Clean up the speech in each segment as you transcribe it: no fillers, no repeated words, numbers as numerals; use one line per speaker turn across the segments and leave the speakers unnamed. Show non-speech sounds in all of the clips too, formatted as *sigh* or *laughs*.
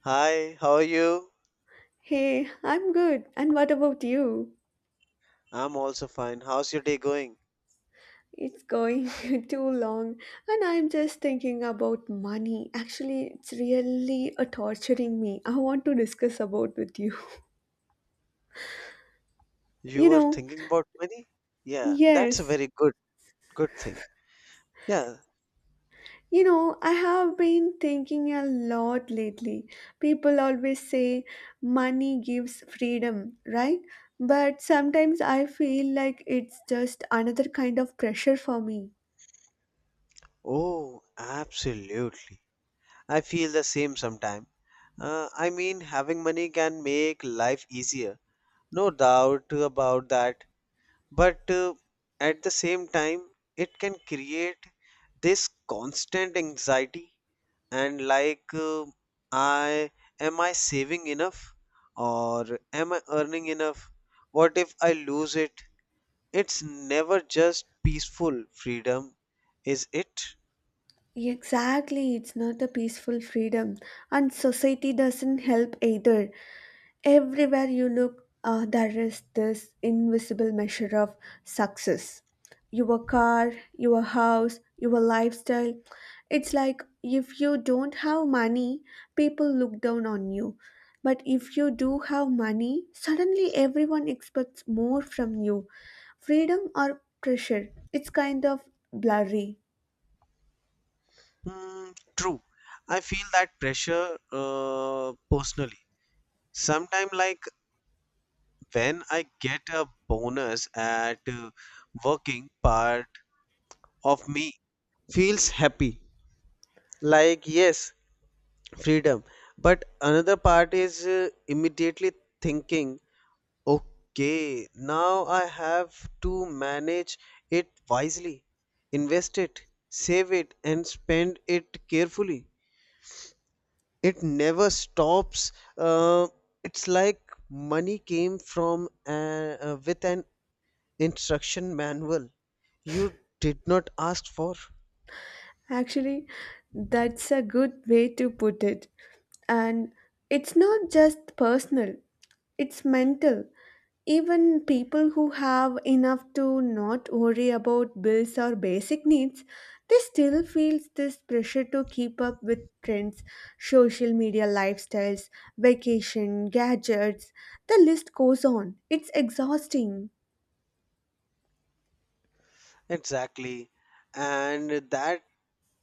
Hi, how are you?
Hey, I'm good. And what about you?
I'm also fine. How's your day going?
It's going *laughs* too long, and I'm just thinking about money. Actually, it's really torturing me. I want to discuss about with you. *laughs*
You
You
were
know,
thinking about money? Yeah, that's a
yes.
very good thing. Yeah.
You know, I have been thinking a lot lately. People always say money gives freedom, right? But sometimes I feel like it's just another kind of pressure for me.
Oh, absolutely. I feel the same sometime. I mean, having money can make life easier. No doubt about that. But at the same time, it can create this constant anxiety and like I am I saving enough, or am I earning enough? What if I lose it? It's never just peaceful freedom, is it?
Exactly, it's not a peaceful freedom, and society doesn't help either. Everywhere you look, there is this invisible measure of success. Your car, your house, your lifestyle. It's like if you don't have money, people look down on you. But if you do have money, suddenly everyone expects more from you. Freedom or pressure, it's kind of blurry.
Hmm, True, I feel that pressure personally. Sometimes, like when I get a bonus at working, part of me feels happy, like yes, freedom, but another part is immediately thinking, okay, now I have to manage it wisely, invest it, save it, and spend it carefully. It never stops. uh, it's like money came from with an instruction manual you did not ask for.
Actually, that's a good way to put it. And it's not just personal, it's mental. Even people who have enough to not worry about bills or basic needs, they still feel this pressure to keep up with trends, social media lifestyles, vacation, gadgets. The list goes on. It's exhausting.
Exactly, and that,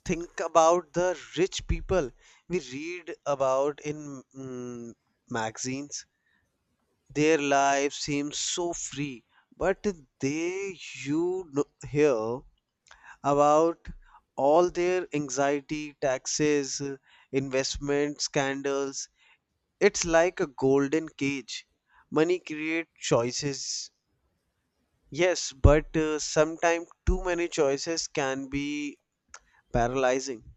think about the rich people we read about in magazines. Their lives seem so free, but they, you know, hear about all their anxiety, taxes, investment scandals. It's like a golden cage. Money creates choices, yes, but sometimes too many choices can be paralyzing.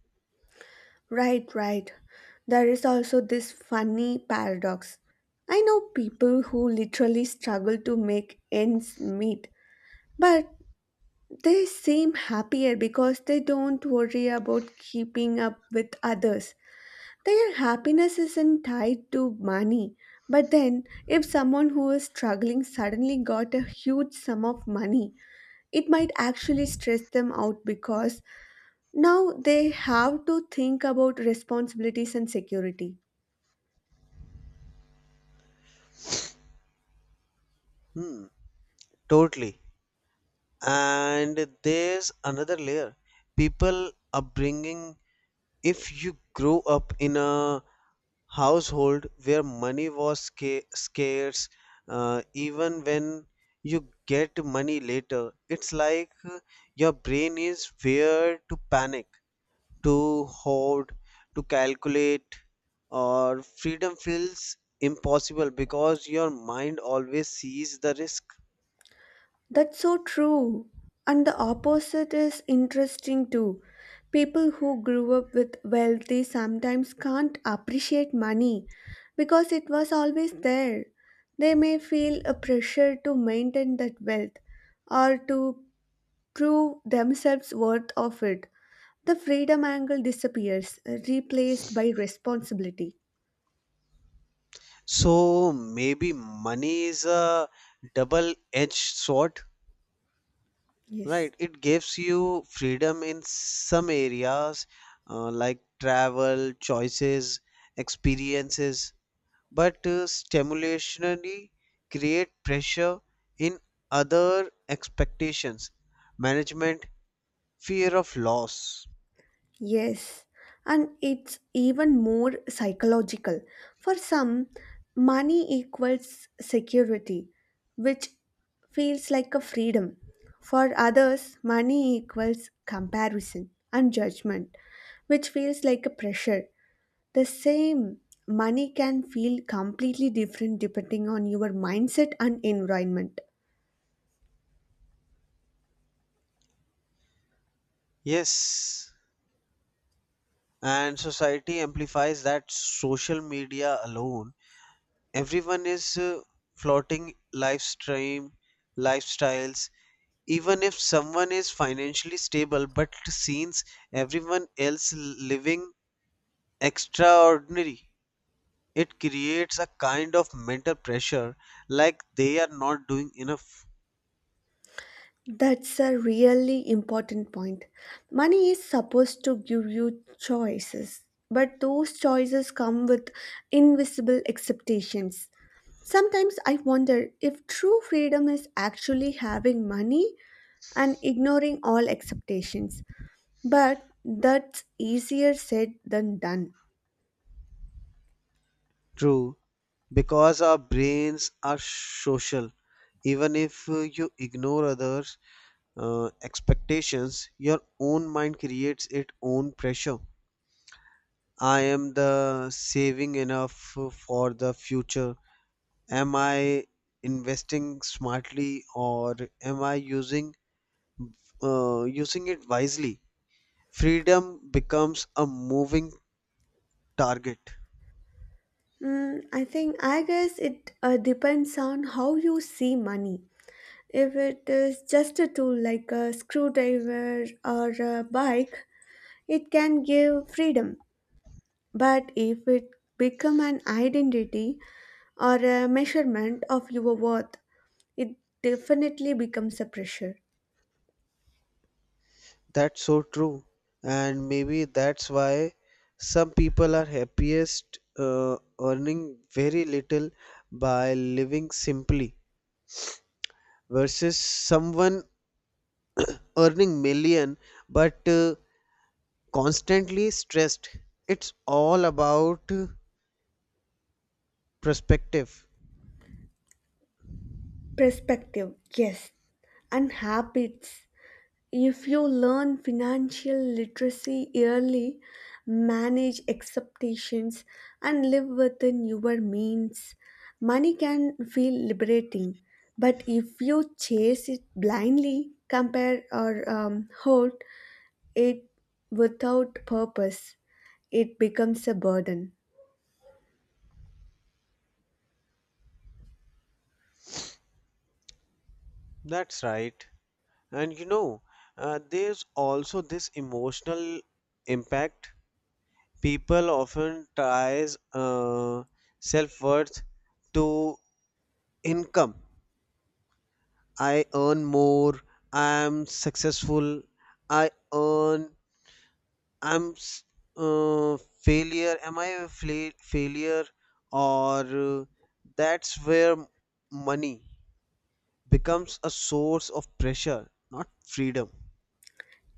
Right, right. There is also this funny paradox. I know people who literally struggle to make ends meet, but they seem happier because they don't worry about keeping up with others. Their happiness isn't tied to money. But then, if someone who is struggling suddenly got a huge sum of money, it might actually stress them out because now they have to think about responsibilities and security.
Hmm, Totally. And there's another layer, people upbringing. If you grow up in a household where money was scarce, even when you get money later, it's like your brain is wired to panic, to hoard, to calculate, or freedom feels impossible because your mind always sees the risk.
That's so true. And the opposite is interesting too. People who grew up with wealthy sometimes can't appreciate money because it was always there. They may feel a pressure to maintain that wealth or to prove themselves worth of it. The freedom angle disappears, replaced by responsibility.
So maybe money is a double-edged sword,
Yes.
right? It gives you freedom in some areas, like travel, choices, experiences, but stimulationally create pressure in other expectations, management, fear of loss.
Yes, and it's even more psychological. For some, money equals security, which feels like a freedom. For others, money equals comparison and judgment, which feels like a pressure. The same money can feel completely different depending on your mindset and environment.
Yes, and society amplifies that. Social media alone, everyone is floating lifestream lifestyles. Even if someone is financially stable, but seems everyone else living extraordinary, it creates a kind of mental pressure, like they are not doing enough.
That's a really important point. Money is supposed to give you choices, but those choices come with invisible expectations. Sometimes I wonder if true freedom is actually having money and ignoring all expectations, but that's easier said than done.
True, because our brains are social. Even if you ignore others expectations, your own mind creates its own pressure. I am the saving enough for the future? Am I investing smartly, or am I using it wisely? Freedom becomes a moving target.
Mm, I think, I guess it depends on how you see money. If it is just a tool like a screwdriver or a bike, it can give freedom. But if it become an identity or a measurement of your worth, it definitely becomes a pressure.
That's so true, and maybe that's why some people are happiest earning very little, by living simply, versus someone earning million but constantly stressed. It's all about perspective.
Perspective, yes, and habits. If you learn financial literacy early, manage expectations, and live within your means, money can feel liberating. But if you chase it blindly, compare or hoard it without purpose, it becomes a burden.
That's right. And you know, there's also this emotional impact. People often ties uh, self-worth to income. I earn more, I'm successful. I earn, i'm s- uh, failure, am I a failure, or uh, that's where money becomes a source of pressure, not freedom.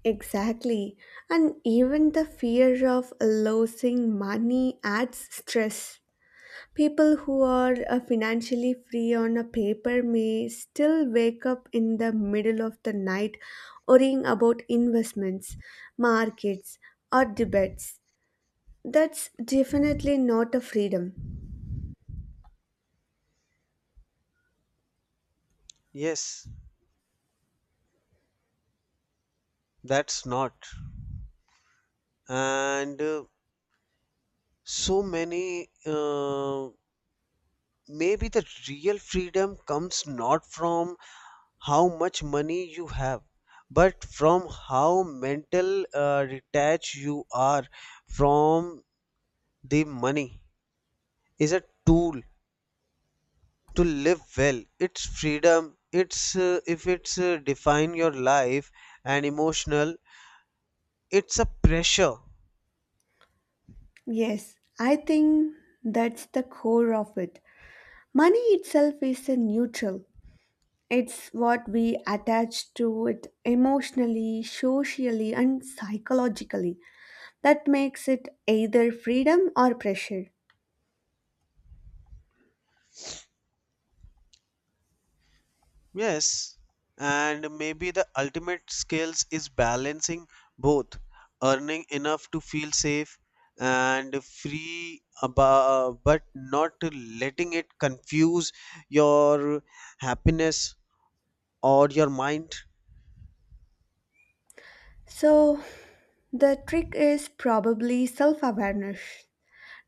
Exactly. And even the fear of losing money adds stress. People who are financially free on a paper may still wake up in the middle of the night worrying about investments, markets, or debates. That's definitely not a freedom.
Yes, that's not. And so many, uh, maybe the real freedom comes not from how much money you have, but from how mental detached you are from the money. Is a tool to live well, it's freedom. It's if it's define your life and emotional, it's a pressure.
Yes, I think that's the core of it. Money itself is a neutral. It's what we attach to it emotionally, socially, and psychologically that makes it either freedom or pressure.
Yes, and maybe the ultimate skills is balancing both, earning enough to feel safe and free, but not letting it confuse your happiness or your mind.
So, the trick is probably self awareness,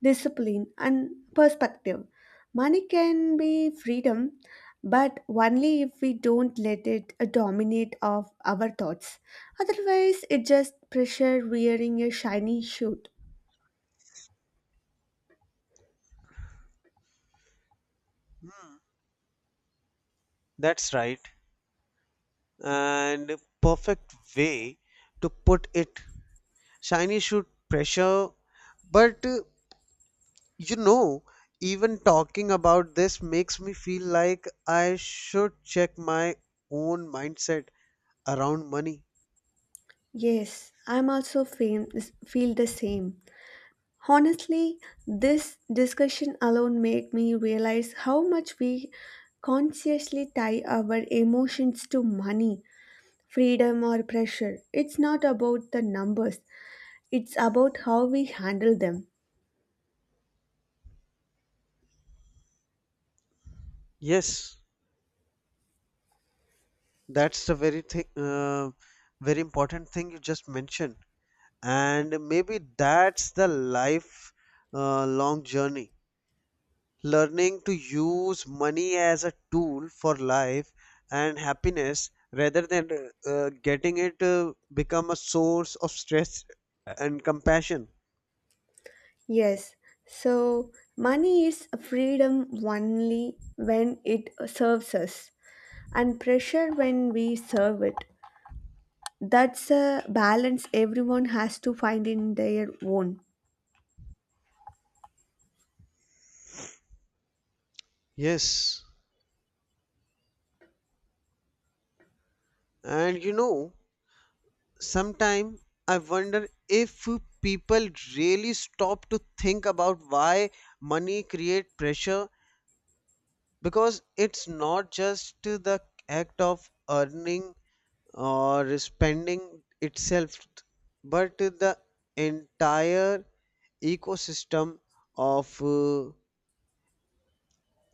discipline, and perspective. Money can be freedom, but only if we don't let it dominate of our thoughts. Otherwise, it just pressure wearing a shiny suit.
Hmm, that's right, and perfect way to put it. Shiny should pressure, but you know, even talking about this makes me feel like I should check my own mindset around money.
Yes, I'm also feel the same. Honestly, this discussion alone made me realize how much we consciously tie our emotions to money freedom or pressure. It's not about the numbers, it's about how we handle them.
Yes, that's the very thing, very important thing you just mentioned. And maybe that's the life long journey. Learning to use money as a tool for life and happiness rather than getting it become a source of stress and compassion.
Yes, so money is freedom only when it serves us, and pressure when we serve it. That's a balance everyone has to find in their own.
Yes, and you know, sometime I wonder if people really stop to think about why money create pressure, because it's not just the act of earning or spending itself, but the entire ecosystem of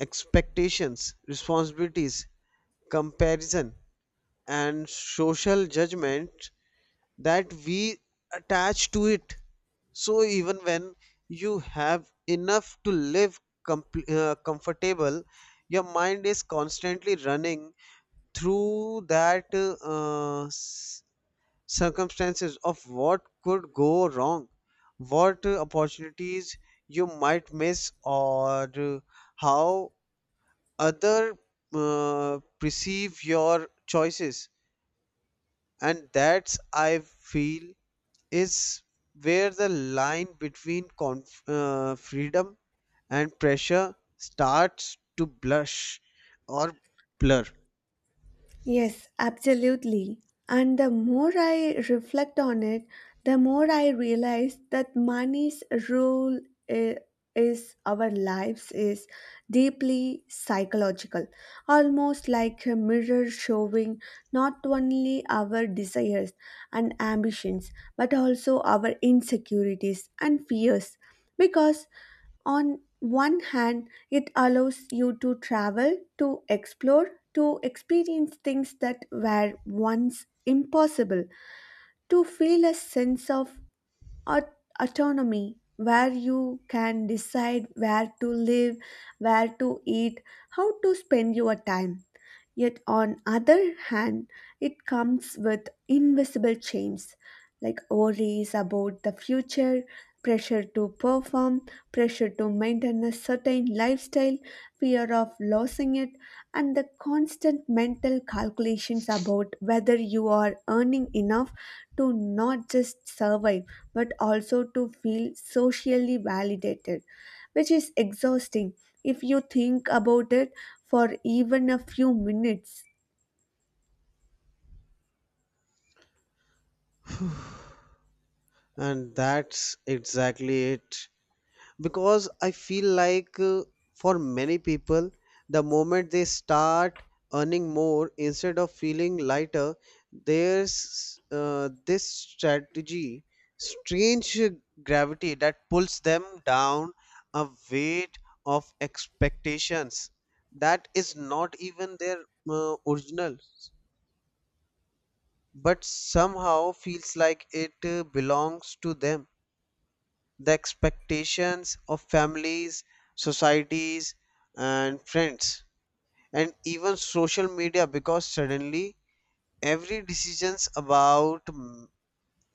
expectations, responsibilities, comparison, and social judgment that we attach to it. So even when you have enough to live comfortable, your mind is constantly running through circumstances of what could go wrong, what opportunities you might miss, or how other perceive your choices. And that's, I feel, is where the line between freedom and pressure starts to blush, or blur.
Yes, absolutely. And the more I reflect on it, the more I realize that money's role i- is our lives is deeply psychological, almost like a mirror showing not only our desires and ambitions, but also our insecurities and fears. Because on one hand, it allows you to travel, to explore, to experience things that were once impossible, to feel a sense of Aut- autonomy, where you can decide where to live, where to eat, how to spend your time. Yet, on other hand, it comes with invisible chains like worries about the future, pressure to perform, pressure to maintain a certain lifestyle, fear of losing it, and the constant mental calculations about whether you are earning enough to not just survive but also to feel socially validated, which is exhausting if you think about it for even a few minutes.
And that's exactly it, because I feel like for many people, the moment they start earning more, instead of feeling lighter, there's this strategy strange gravity that pulls them down, a weight of expectations that is not even their original, but somehow feels like it belongs to them. The expectations of families, societies, and friends, and even social media, because suddenly every decisions about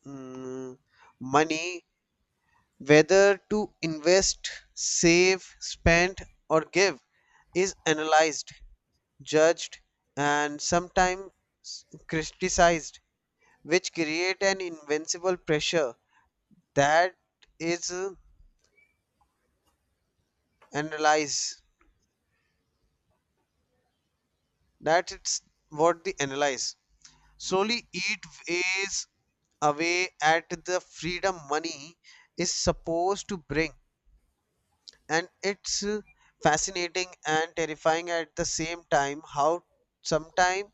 mm, money, whether to invest, save, spend, or give, is analyzed, judged, and sometimes criticized, which create an invincible pressure that is analyzed that it's what they analyze slowly it weighs away at the freedom money is supposed to bring. And it's fascinating and terrifying at the same time how sometimes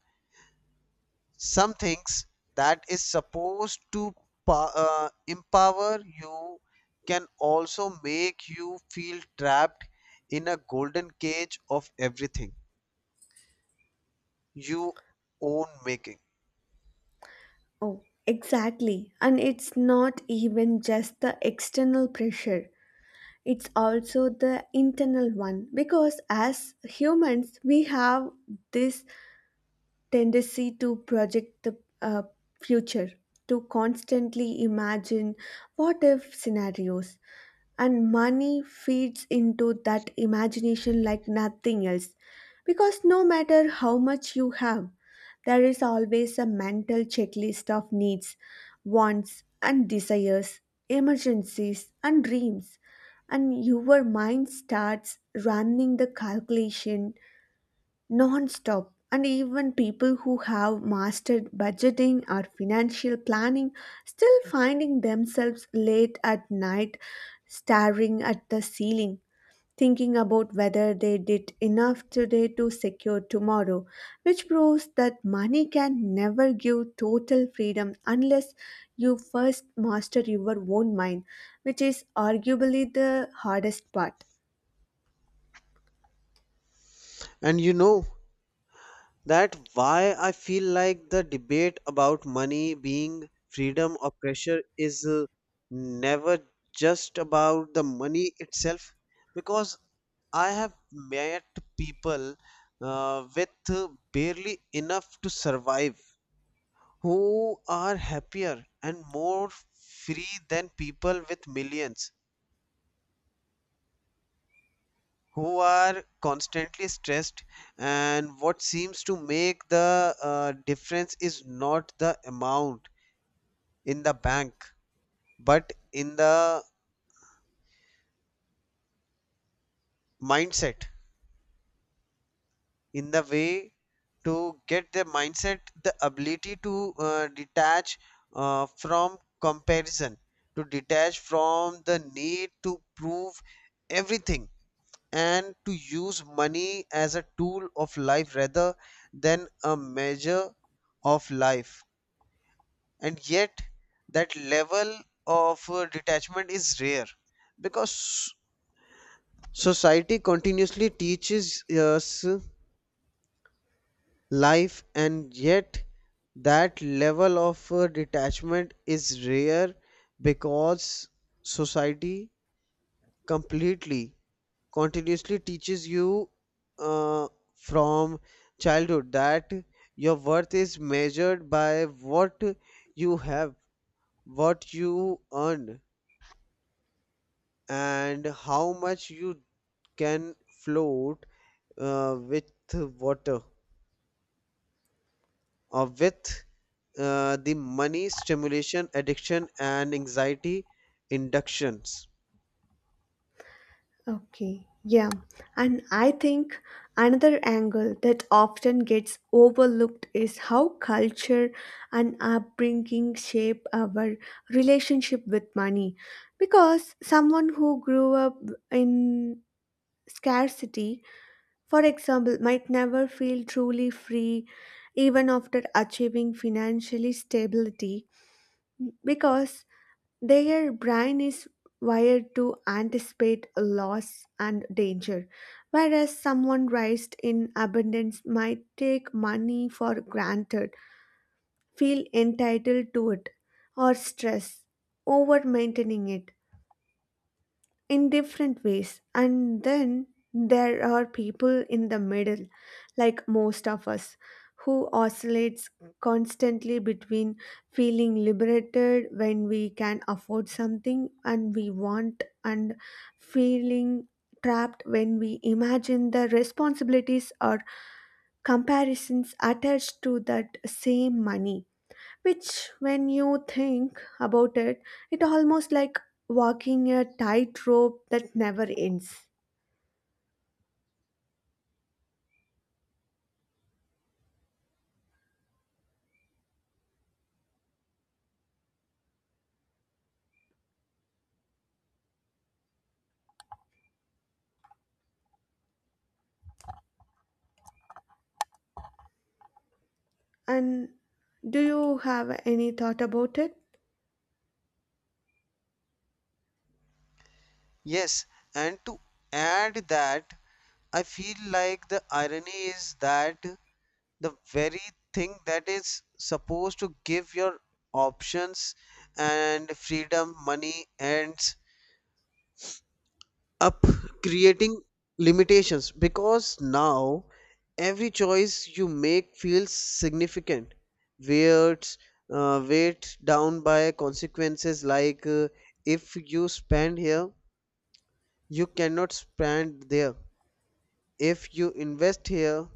some things that is supposed to empower you can also make you feel trapped in a golden cage of everything you own making.
Oh, exactly. And it's not even just the external pressure. It's also the internal one because as humans, we have this tendency to project the future, to constantly imagine what if scenarios and money feeds into that imagination like nothing else because no matter how much you have there is always a mental checklist of needs wants and desires emergencies and dreams and your mind starts running the calculation non-stop and even people who have mastered budgeting or financial planning still finding themselves late at night staring at the ceiling thinking about whether they did enough today to secure tomorrow which proves that money can never give total freedom unless you first master your own mind which is arguably the hardest part.
And you know, that why I feel like the debate about money being freedom or pressure is never just about the money itself, because I have met people with barely enough to survive, who are happier and more free than people with millions, who are constantly stressed. And what seems to make the difference is not the amount in the bank, but in the mindset, in the way to get the mindset, the ability to detach from comparison, to detach from the need to prove everything, and to use money as a tool of life rather than a measure of life. And yet, that level of detachment is rare because society continuously teaches us life, and yet, that level of detachment is rare, because society completely continuously teaches you uh, from childhood that your worth is measured by what you have, what you earn, and how much you can float with water, or with the money stimulation, addiction, and anxiety inductions.
Okay, yeah. And I think another angle that often gets overlooked is how culture and upbringing shape our relationship with money. Because someone who grew up in scarcity, for example, might never feel truly free even after achieving financially stability because their brain is wired to anticipate loss and danger, whereas someone raised in abundance might take money for granted, feel entitled to it, or stress over maintaining it in different ways. And then there are people in the middle, like most of us, who oscillates constantly between feeling liberated when we can afford something and we want and feeling trapped when we imagine the responsibilities or comparisons attached to that same money which, when you think about it, it almost like walking a tightrope that never ends. And do you have any thought about it?
Yes, and to add that, I feel like the irony is that the very thing that is supposed to give your options and freedom, money, ends up creating limitations, because now every choice you make feels significant, weird, weighed down by consequences, like if you spend here, you cannot spend there. If you invest here,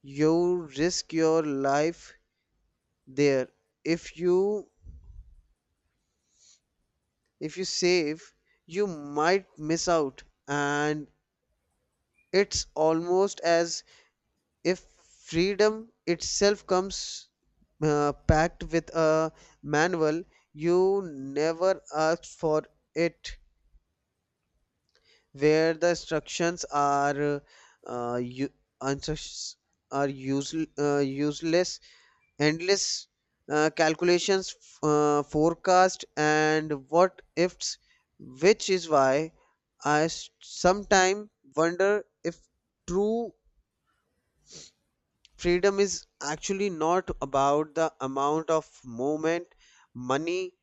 you risk your life there. If you if you save, you might miss out. And it's almost as if freedom itself comes packed with a manual you never asked for it, where the instructions are uh, u- instructions are useless, endless calculations, forecast and what ifs. Which is why sometime wonder if true freedom is actually not about the amount of movement money,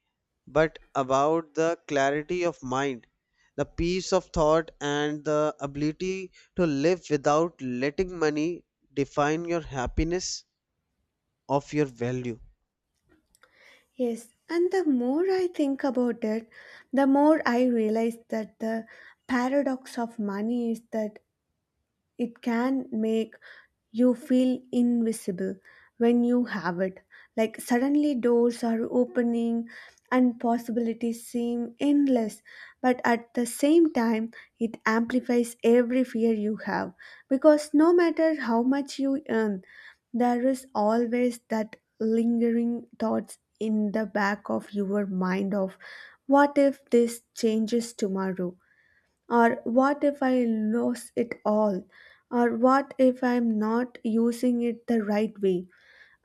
but about the clarity of mind, the peace of thought, and the ability to live without letting money define your happiness of your value.
Yes, and the more I think about it, the more I realize that the paradox of money is that it can make You feel invisible when you have it. Like suddenly doors are opening and possibilities seem endless, but at the same time, it amplifies every fear you have. Because no matter how much you earn, there is always that lingering thoughts in the back of your mind of what if this changes tomorrow or what if I lose it all, or what if I'm not using it the right way,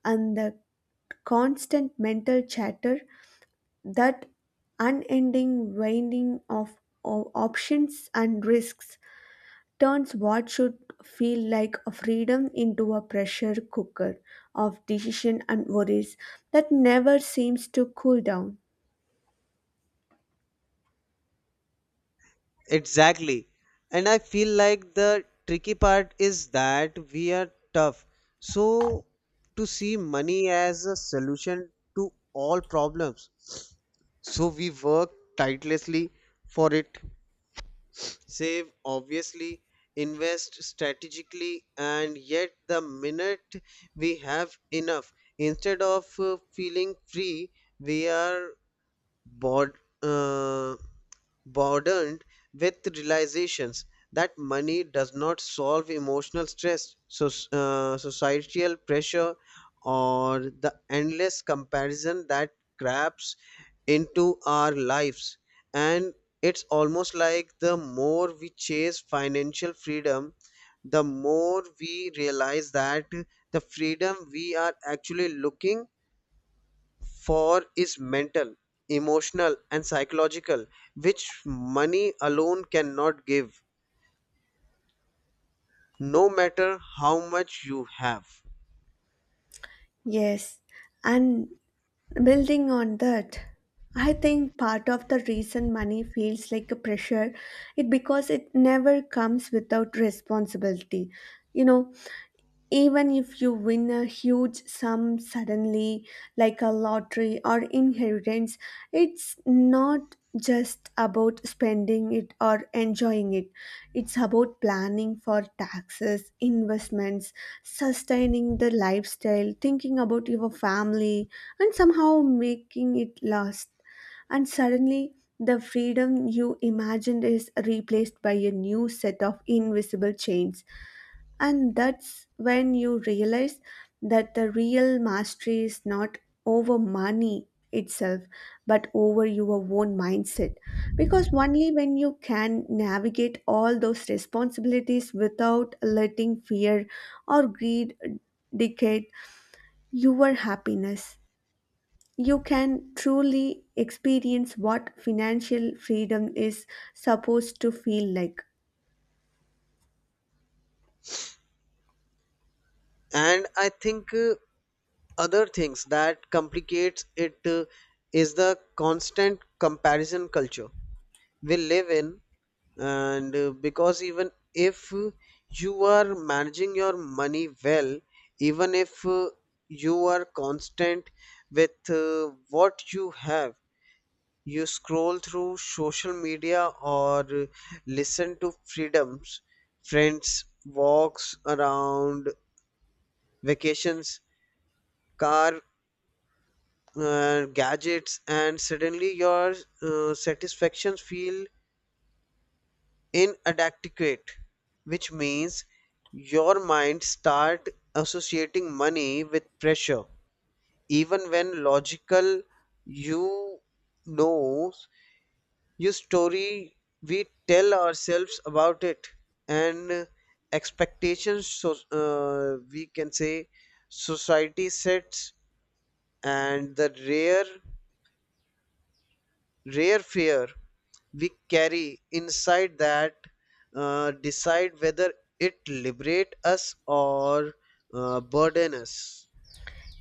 and the constant mental chatter, that unending weighing of options and risks turns what should feel like a freedom into a pressure cooker of decision and worries that never seems to cool down.
Exactly. And I feel like the tricky part is that we are tough. So, to see money as a solution to all problems. So, we work tirelessly for it, save obviously, invest strategically, and yet the minute we have enough, instead of feeling free, we are bod- uh, burdened with realizations that money does not solve emotional stress, so, societal pressure, or the endless comparison that grabs into our lives. And it's almost like the more we chase financial freedom, the more we realize that the freedom we are actually looking for is mental, emotional, and psychological, which money alone cannot give, no matter how much you have.
Yes, and Building on that, I think part of the reason money feels like a pressure it because it never comes without responsibility. You know, even if you win a huge sum suddenly, like a lottery or inheritance, it's not just about spending it or enjoying it. It's about planning for taxes, investments, sustaining the lifestyle, thinking about your family, and somehow making it last. And suddenly, the freedom you imagined is replaced by a new set of invisible chains and that's when you realize that the real mastery is not over money itself, but over your own mindset. Because only when you can navigate all those responsibilities without letting fear or greed dictate your happiness, you can truly experience what financial freedom is supposed to feel like.
And I think other things that complicates it is the constant comparison culture we live in. And because even if you are managing your money well, even if you are constant with what you have, you scroll through social media or listen to freedoms, friends, walks around, vacations, car, gadgets, and suddenly your satisfactions feel inadequate, which means your mind start associating money with pressure, even when logical you know your story we tell ourselves about it, and expectations, so we can say society sets, and the rare fear we carry inside that decide whether it liberate us, or burden us.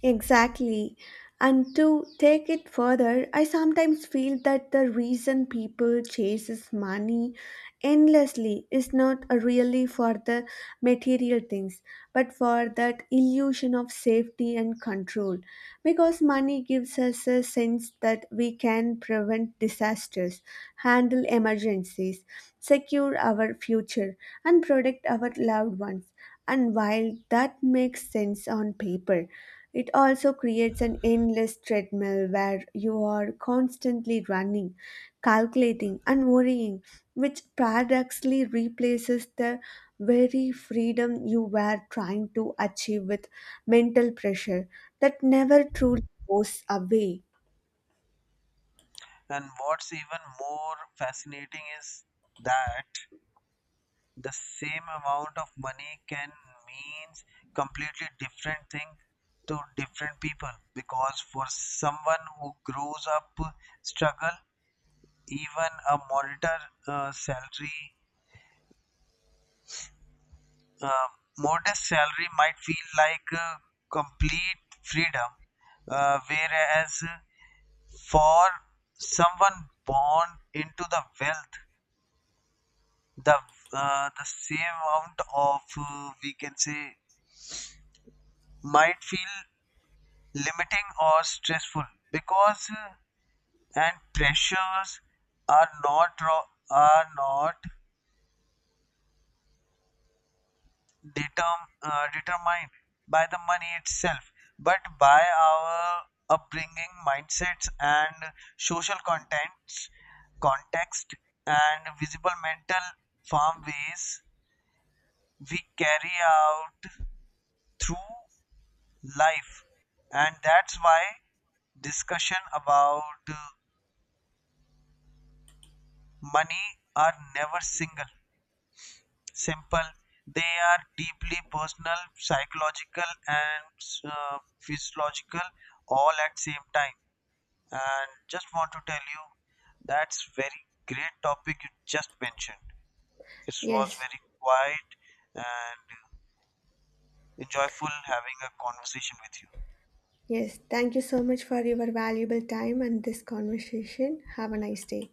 Exactly. And to take it further, I sometimes feel that the reason people chases money endlessly is not really for the material things, but for that illusion of safety and control. Because money gives us a sense that we can prevent disasters, handle emergencies, secure our future, and protect our loved ones. And while that makes sense on paper, it also creates an endless treadmill where you are constantly running, calculating, and worrying, which paradoxically replaces the very freedom you were trying to achieve with mental pressure that never truly goes away.
And what's even more fascinating is that the same amount of money can means completely different thing to different people, because for someone who grows up struggle, even a monitor salary uh, modest salary might feel like complete freedom, whereas for someone born into the wealth, the the same amount of, we can say, might feel limiting or stressful, because and pressures are not ro- are not determ- determined by the money itself, but by our upbringing, mindsets, and social contents context, and visible mental farm ways we carry out through life. And that's why discussion about money are never single simple. They are deeply personal, psychological, and physiological all at same time. And just want to tell you, that's very great topic you just mentioned. It was
Yes,
very quiet and enjoyable having a conversation with you.
yes. Thank you so much for your valuable time and this conversation. Have a nice day.